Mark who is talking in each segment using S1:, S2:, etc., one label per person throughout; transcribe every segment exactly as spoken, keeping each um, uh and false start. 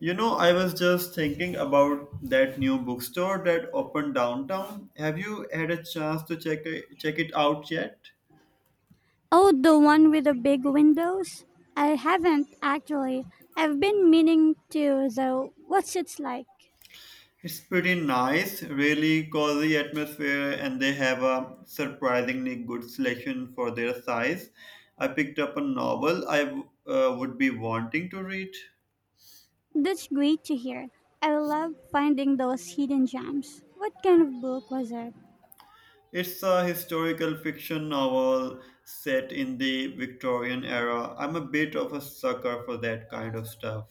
S1: You know, I was just thinking about that new bookstore that opened downtown. Have you had a chance to check check it out yet?
S2: Oh, the one with the big windows? I haven't actually. I've been meaning to, though. What's it like?
S1: It's pretty nice, really cozy atmosphere, and they have a surprisingly good selection for their size. I picked up a novel I uh, would be wanting to read.
S2: That's great to hear. I love finding those hidden gems. What kind of book was it?
S1: It's a historical fiction novel set in the Victorian era. I'm a bit of a sucker for that kind of stuff.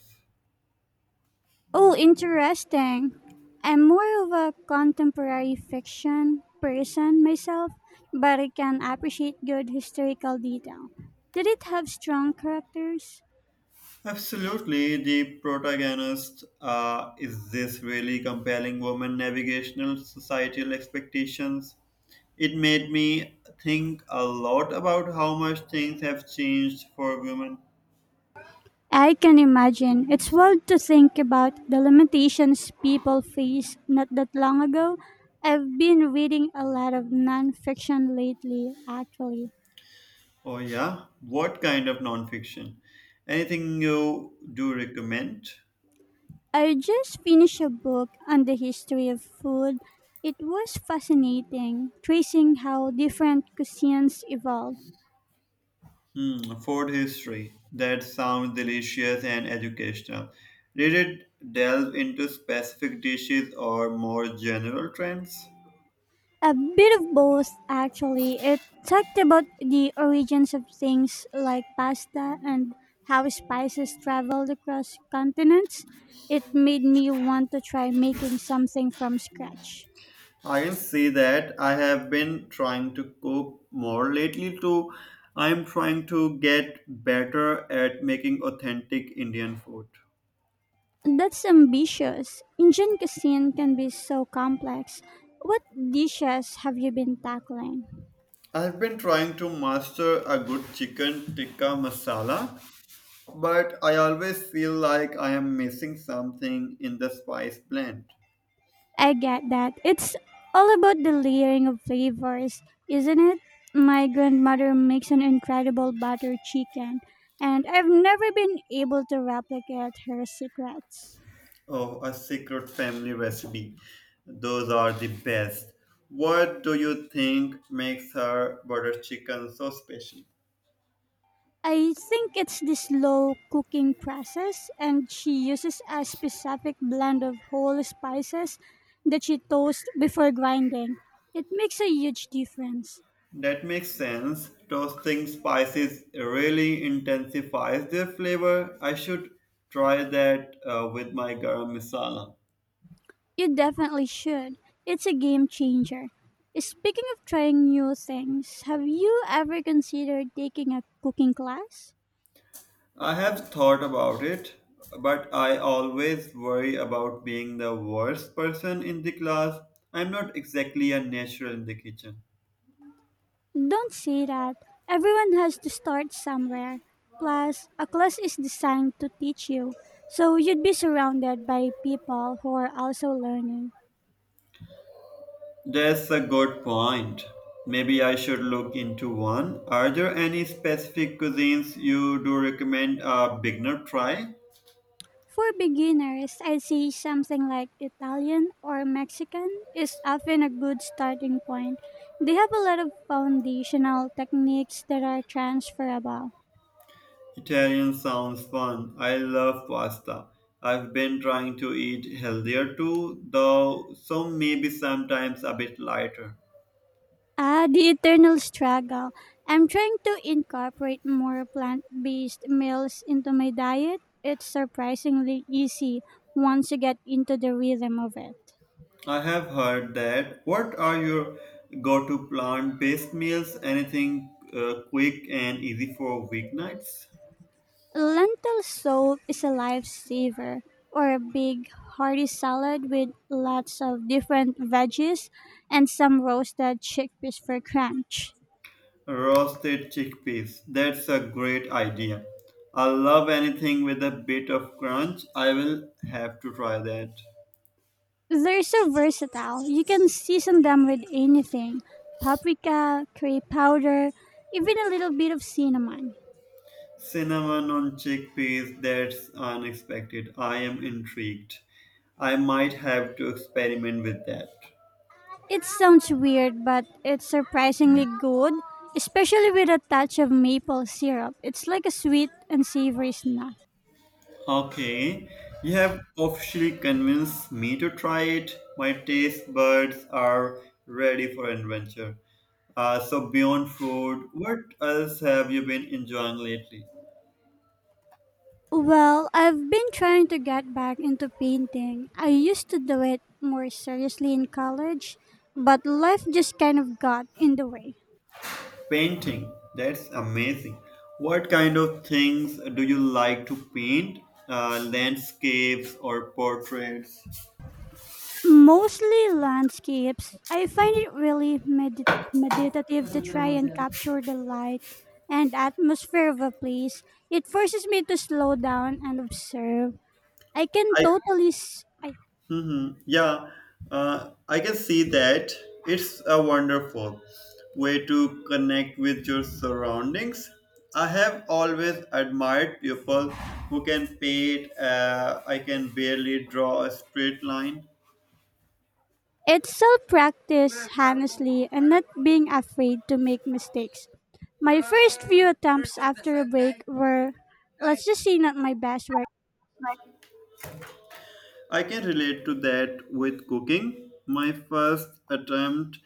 S2: Oh, interesting. I'm more of a contemporary fiction person myself, but I can appreciate good historical detail. Did it have strong characters?
S1: Absolutely, the protagonist uh, is this really compelling woman navigational societal expectations. It made me think a lot about how much things have changed for women.
S2: I can imagine. It's wild to think about the limitations people face not that long ago. I've been reading a lot of nonfiction lately, actually.
S1: Oh yeah, what kind of nonfiction? Anything you do recommend?
S2: I just finished a book on the history of food. It was fascinating, tracing how different cuisines evolved.
S1: Hmm, food history. That sounds delicious and educational. Did it delve into specific dishes or more general trends?
S2: A bit of both, actually. It talked about the origins of things like pasta and how spices traveled across continents. It made me want to try making something from scratch.
S1: I can say that I have been trying to cook more lately too. I'm trying to get better at making authentic Indian food.
S2: That's ambitious. Indian cuisine can be so complex. What dishes have you been tackling?
S1: I've been trying to master a good chicken tikka masala, but I always feel like I am missing something in the spice blend.
S2: I get that. It's all about the layering of flavors, isn't it? My grandmother makes an incredible butter chicken, and I've never been able to replicate her secrets.
S1: Oh, a secret family recipe. Those are the best. What do you think makes her butter chicken so special?
S2: I think it's the slow cooking process, and she uses a specific blend of whole spices that she toasts before grinding. It makes a huge difference.
S1: That makes sense. Toasting spices really intensifies their flavor. I should try that uh, with my garam masala.
S2: You definitely should. It's a game changer. Speaking of trying new things, have you ever considered taking a cooking class?
S1: I have thought about it, but I always worry about being the worst person in the class. I'm not exactly a natural in the kitchen.
S2: Don't say that. Everyone has to start somewhere. Plus, a class is designed to teach you, so you'd be surrounded by people who are also learning.
S1: That's a good point. Maybe I should look into one. Are there any specific cuisines you do recommend a beginner try?
S2: For beginners, I'd say something like Italian or Mexican is often a good starting point. They have a lot of foundational techniques that are transferable.
S1: Italian sounds fun. I love pasta. I've been trying to eat healthier too, though some maybe sometimes a bit lighter.
S2: Ah, the eternal struggle. I'm trying to incorporate more plant based meals into my diet. It's surprisingly easy once you get into the rhythm of it.
S1: I have heard that. What are your go to plant based meals? Anything uh, quick and easy for weeknights?
S2: Lentil soup is a lifesaver, or a big hearty salad with lots of different veggies and some roasted chickpeas for crunch.
S1: Roasted chickpeas. That's a great idea. I love anything with a bit of crunch. I will have to try that.
S2: They're so versatile. You can season them with anything paprika, curry powder, even a little bit of cinnamon.
S1: Cinnamon on chickpeas, that's unexpected. I am intrigued. I might have to experiment with that.
S2: It sounds weird, but it's surprisingly good, especially with a touch of maple syrup. It's like a sweet and savory snack.
S1: Okay, you have officially convinced me to try it. My taste buds are ready for adventure. Uh, so, beyond food, what else have you been enjoying lately?
S2: Well, I've been trying to get back into painting. I used to do it more seriously in college, but life just kind of got in the way.
S1: Painting, that's amazing. What kind of things do you like to paint? Uh, landscapes or portraits?
S2: Mostly landscapes. I find it really medit- meditative to try and capture the light and atmosphere of a place. It forces me to slow down and observe. I can
S1: I
S2: totally s- I
S1: mhm, yeah, uh, I can see that. It's a wonderful way to connect with your surroundings. I have always admired people who can paint. Uh, I can barely draw a straight line.
S2: It's self practice, honestly, and not being afraid to make mistakes. My first few attempts after a break were, let's just say, not my best work.
S1: I can relate to that with cooking. My first attempt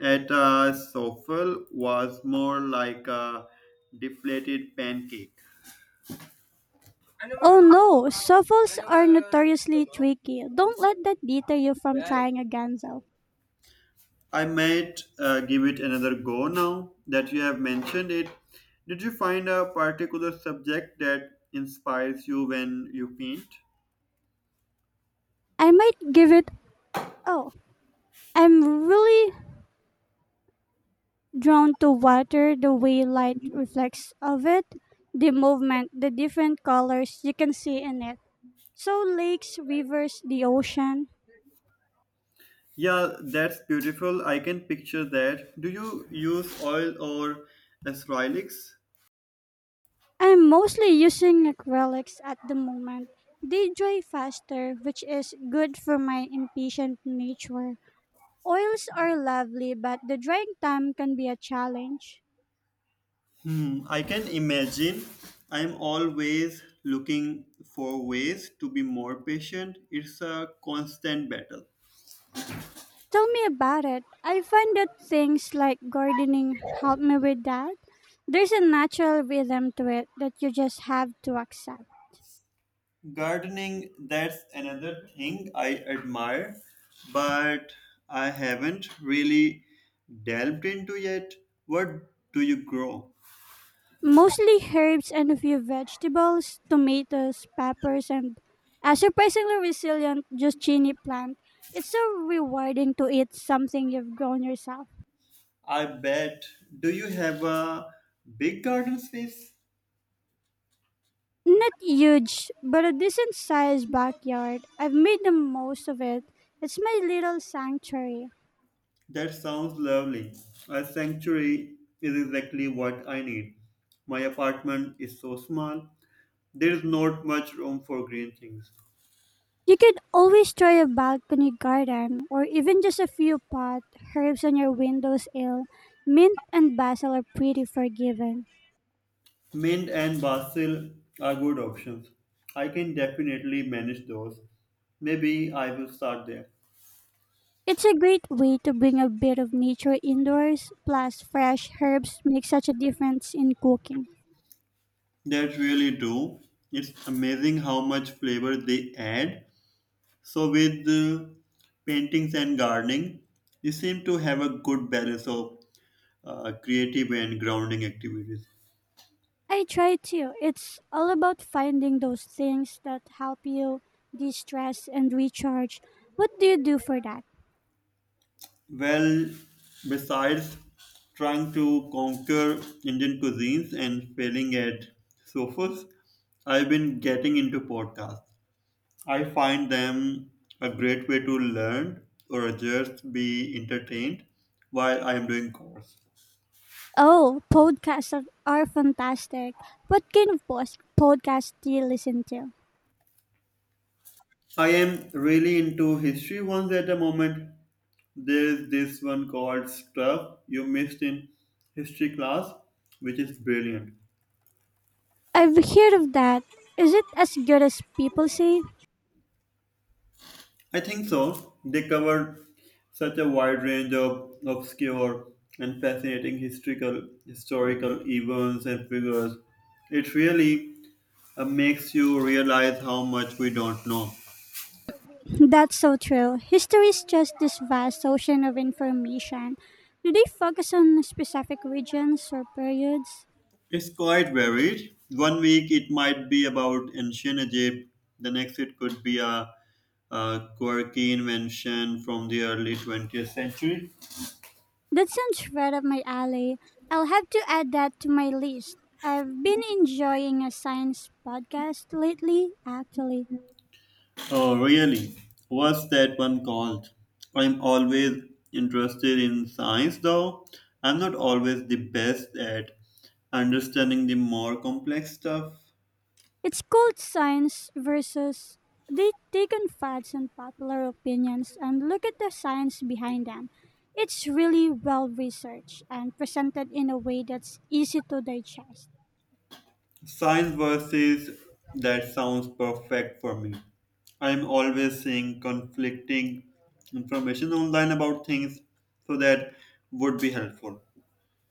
S1: at a souffle was more like a deflated pancake.
S2: Oh no, shuffles are notoriously tricky. Don't let that deter you from trying again, though.
S1: I might uh, give it another go now that you have mentioned it. Did you find a particular subject that inspires you when you paint?
S2: I might give it. Oh, I'm really drawn to water, the way light reflects of it, the movement, the different colors you can see in it. So, lakes, rivers, the ocean.
S1: Yeah, that's beautiful. I can picture that. Do you use oil or acrylics?
S2: I'm mostly using acrylics at the moment. They dry faster, which is good for my impatient nature. Oils are lovely, but the drying time can be a challenge.
S1: Hmm, I can imagine. I'm always looking for ways to be more patient. It's a constant battle.
S2: Tell me about it. I find that things like gardening help me with that. There's a natural rhythm to it that you just have to accept.
S1: Gardening, that's another thing I admire, but I haven't really delved into yet. What do you grow?
S2: Mostly herbs and a few vegetables, tomatoes, peppers, and a surprisingly resilient zucchini plant. It's so rewarding to eat something you've grown yourself.
S1: I bet. Do you have a big garden space?
S2: Not huge, but a decent sized backyard. I've made the most of it. It's my little sanctuary.
S1: That sounds lovely. A sanctuary is exactly what I need. My apartment is so small, there is not much room for green things.
S2: You could always try a balcony garden or even just a few pot herbs on your windowsill. Mint and basil are pretty forgiving.
S1: Mint and basil are good options. I can definitely manage those. Maybe I will start there.
S2: It's a great way to bring a bit of nature indoors, plus fresh herbs make such a difference in cooking.
S1: That really do. It's amazing how much flavor they add. So with uh, paintings and gardening, you seem to have a good balance of uh, creative and grounding activities.
S2: I try to. It's all about finding those things that help you de-stress and recharge. What do you do for that?
S1: Well, besides trying to conquer Indian cuisines and failing at sofas, I've been getting into podcasts. I find them a great way to learn or just be entertained while I am doing course.
S2: Oh, podcasts are are fantastic. What kind of pos- podcast do you listen to?
S1: I am really into history ones at the moment. There's this one called Stuff You Missed in History Class, which is brilliant.
S2: I've heard of that. Is it as good as people say?
S1: I think so. They covered such a wide range of obscure and fascinating historical historical events and figures. It really uh, makes you realize how much we don't know.
S2: That's so true. History is just this vast ocean of information. Do they focus on specific regions or periods?
S1: It's quite varied. One week it might be about ancient Egypt. The next it could be a, a quirky invention from the early twentieth century.
S2: That sounds right up my alley. I'll have to add that to my list. I've been enjoying a science podcast lately, actually.
S1: Oh, really? What's that one called? I'm always interested in science, though I'm not always the best at understanding the more complex stuff.
S2: It's called Science versus. They take on facts and popular opinions and look at the science behind them. It's really well researched and presented in a way that's easy to digest.
S1: Science versus that sounds perfect for me. I'm always seeing conflicting information online about things, so that would be helpful.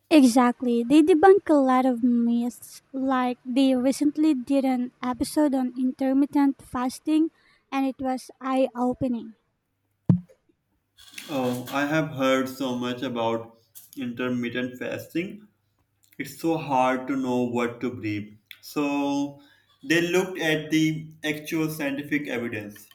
S2: Exactly. They debunk a lot of myths. Like they recently did an episode on intermittent fasting and it was eye opening.
S1: Oh, I have heard so much about intermittent fasting. It's so hard to know what to believe. So they looked at the actual scientific evidence.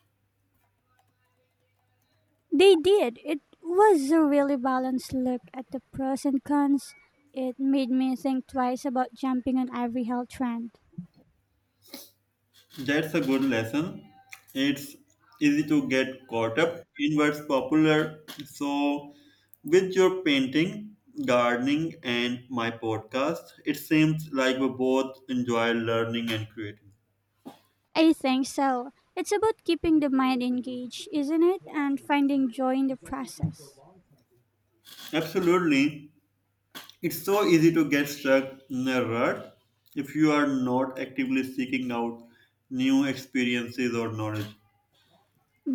S2: They did. It was a really balanced look at the pros and cons. It made me think twice about jumping on every health trend.
S1: That's a good lesson. It's easy to get caught up in what's popular. So with your painting, gardening, and my podcast, it seems like we both enjoy learning and creating.
S2: I think so. It's about keeping the mind engaged, isn't it? And finding joy in the process.
S1: Absolutely. It's so easy to get stuck in a rut if you are not actively seeking out new experiences or knowledge.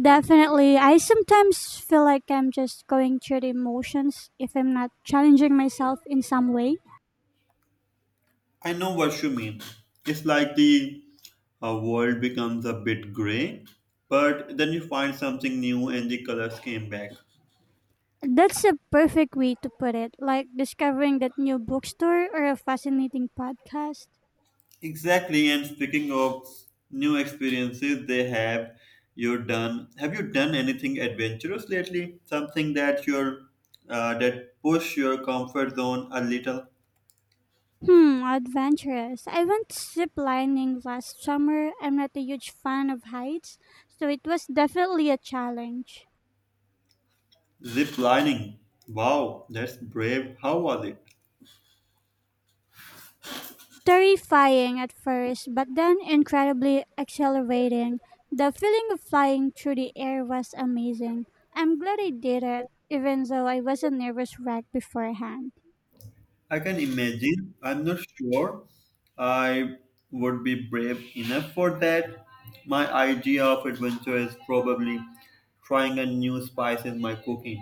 S2: Definitely. I sometimes feel like I'm just going through the emotions if I'm not challenging myself in some way.
S1: I know what you mean. It's like the uh, world becomes a bit gray, but then you find something new and the colors came back.
S2: That's a perfect way to put it, like discovering that new bookstore or a fascinating podcast.
S1: Exactly, and speaking of new experiences, they have you done have you done anything adventurous lately? Something that you're uh, that push your comfort zone a little?
S2: Hmm, adventurous. I went zip lining last summer. I'm not a huge fan of heights, so it was definitely a challenge.
S1: Zip lining. Wow, that's brave. How was it?
S2: Terrifying at first, but then incredibly exhilarating. The feeling of flying through the air was amazing. I'm glad I did it, even though I was a nervous wreck beforehand.
S1: I can imagine. I'm not sure I would be brave enough for that. My idea of adventure is probably trying a new spice in my cooking.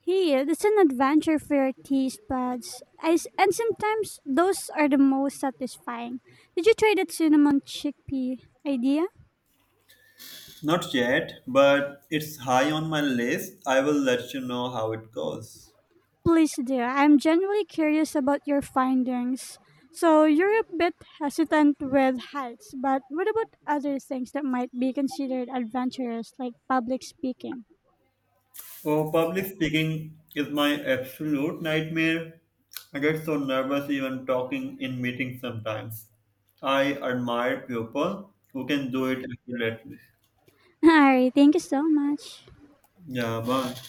S2: Here, it's an adventure for your taste buds. I s and sometimes those are the most satisfying. Did you try that cinnamon chickpea idea?
S1: Not yet, but it's high on my list. I will let you know how it goes.
S2: Please dear. I'm genuinely curious about your findings. So you're a bit hesitant with heights, but what about other things that might be considered adventurous, like public speaking?
S1: Oh, public speaking is my absolute nightmare. I get so nervous even talking in meetings sometimes. I admire people who can do it accurately.
S2: Alright, thank you so much.
S1: Yeah, but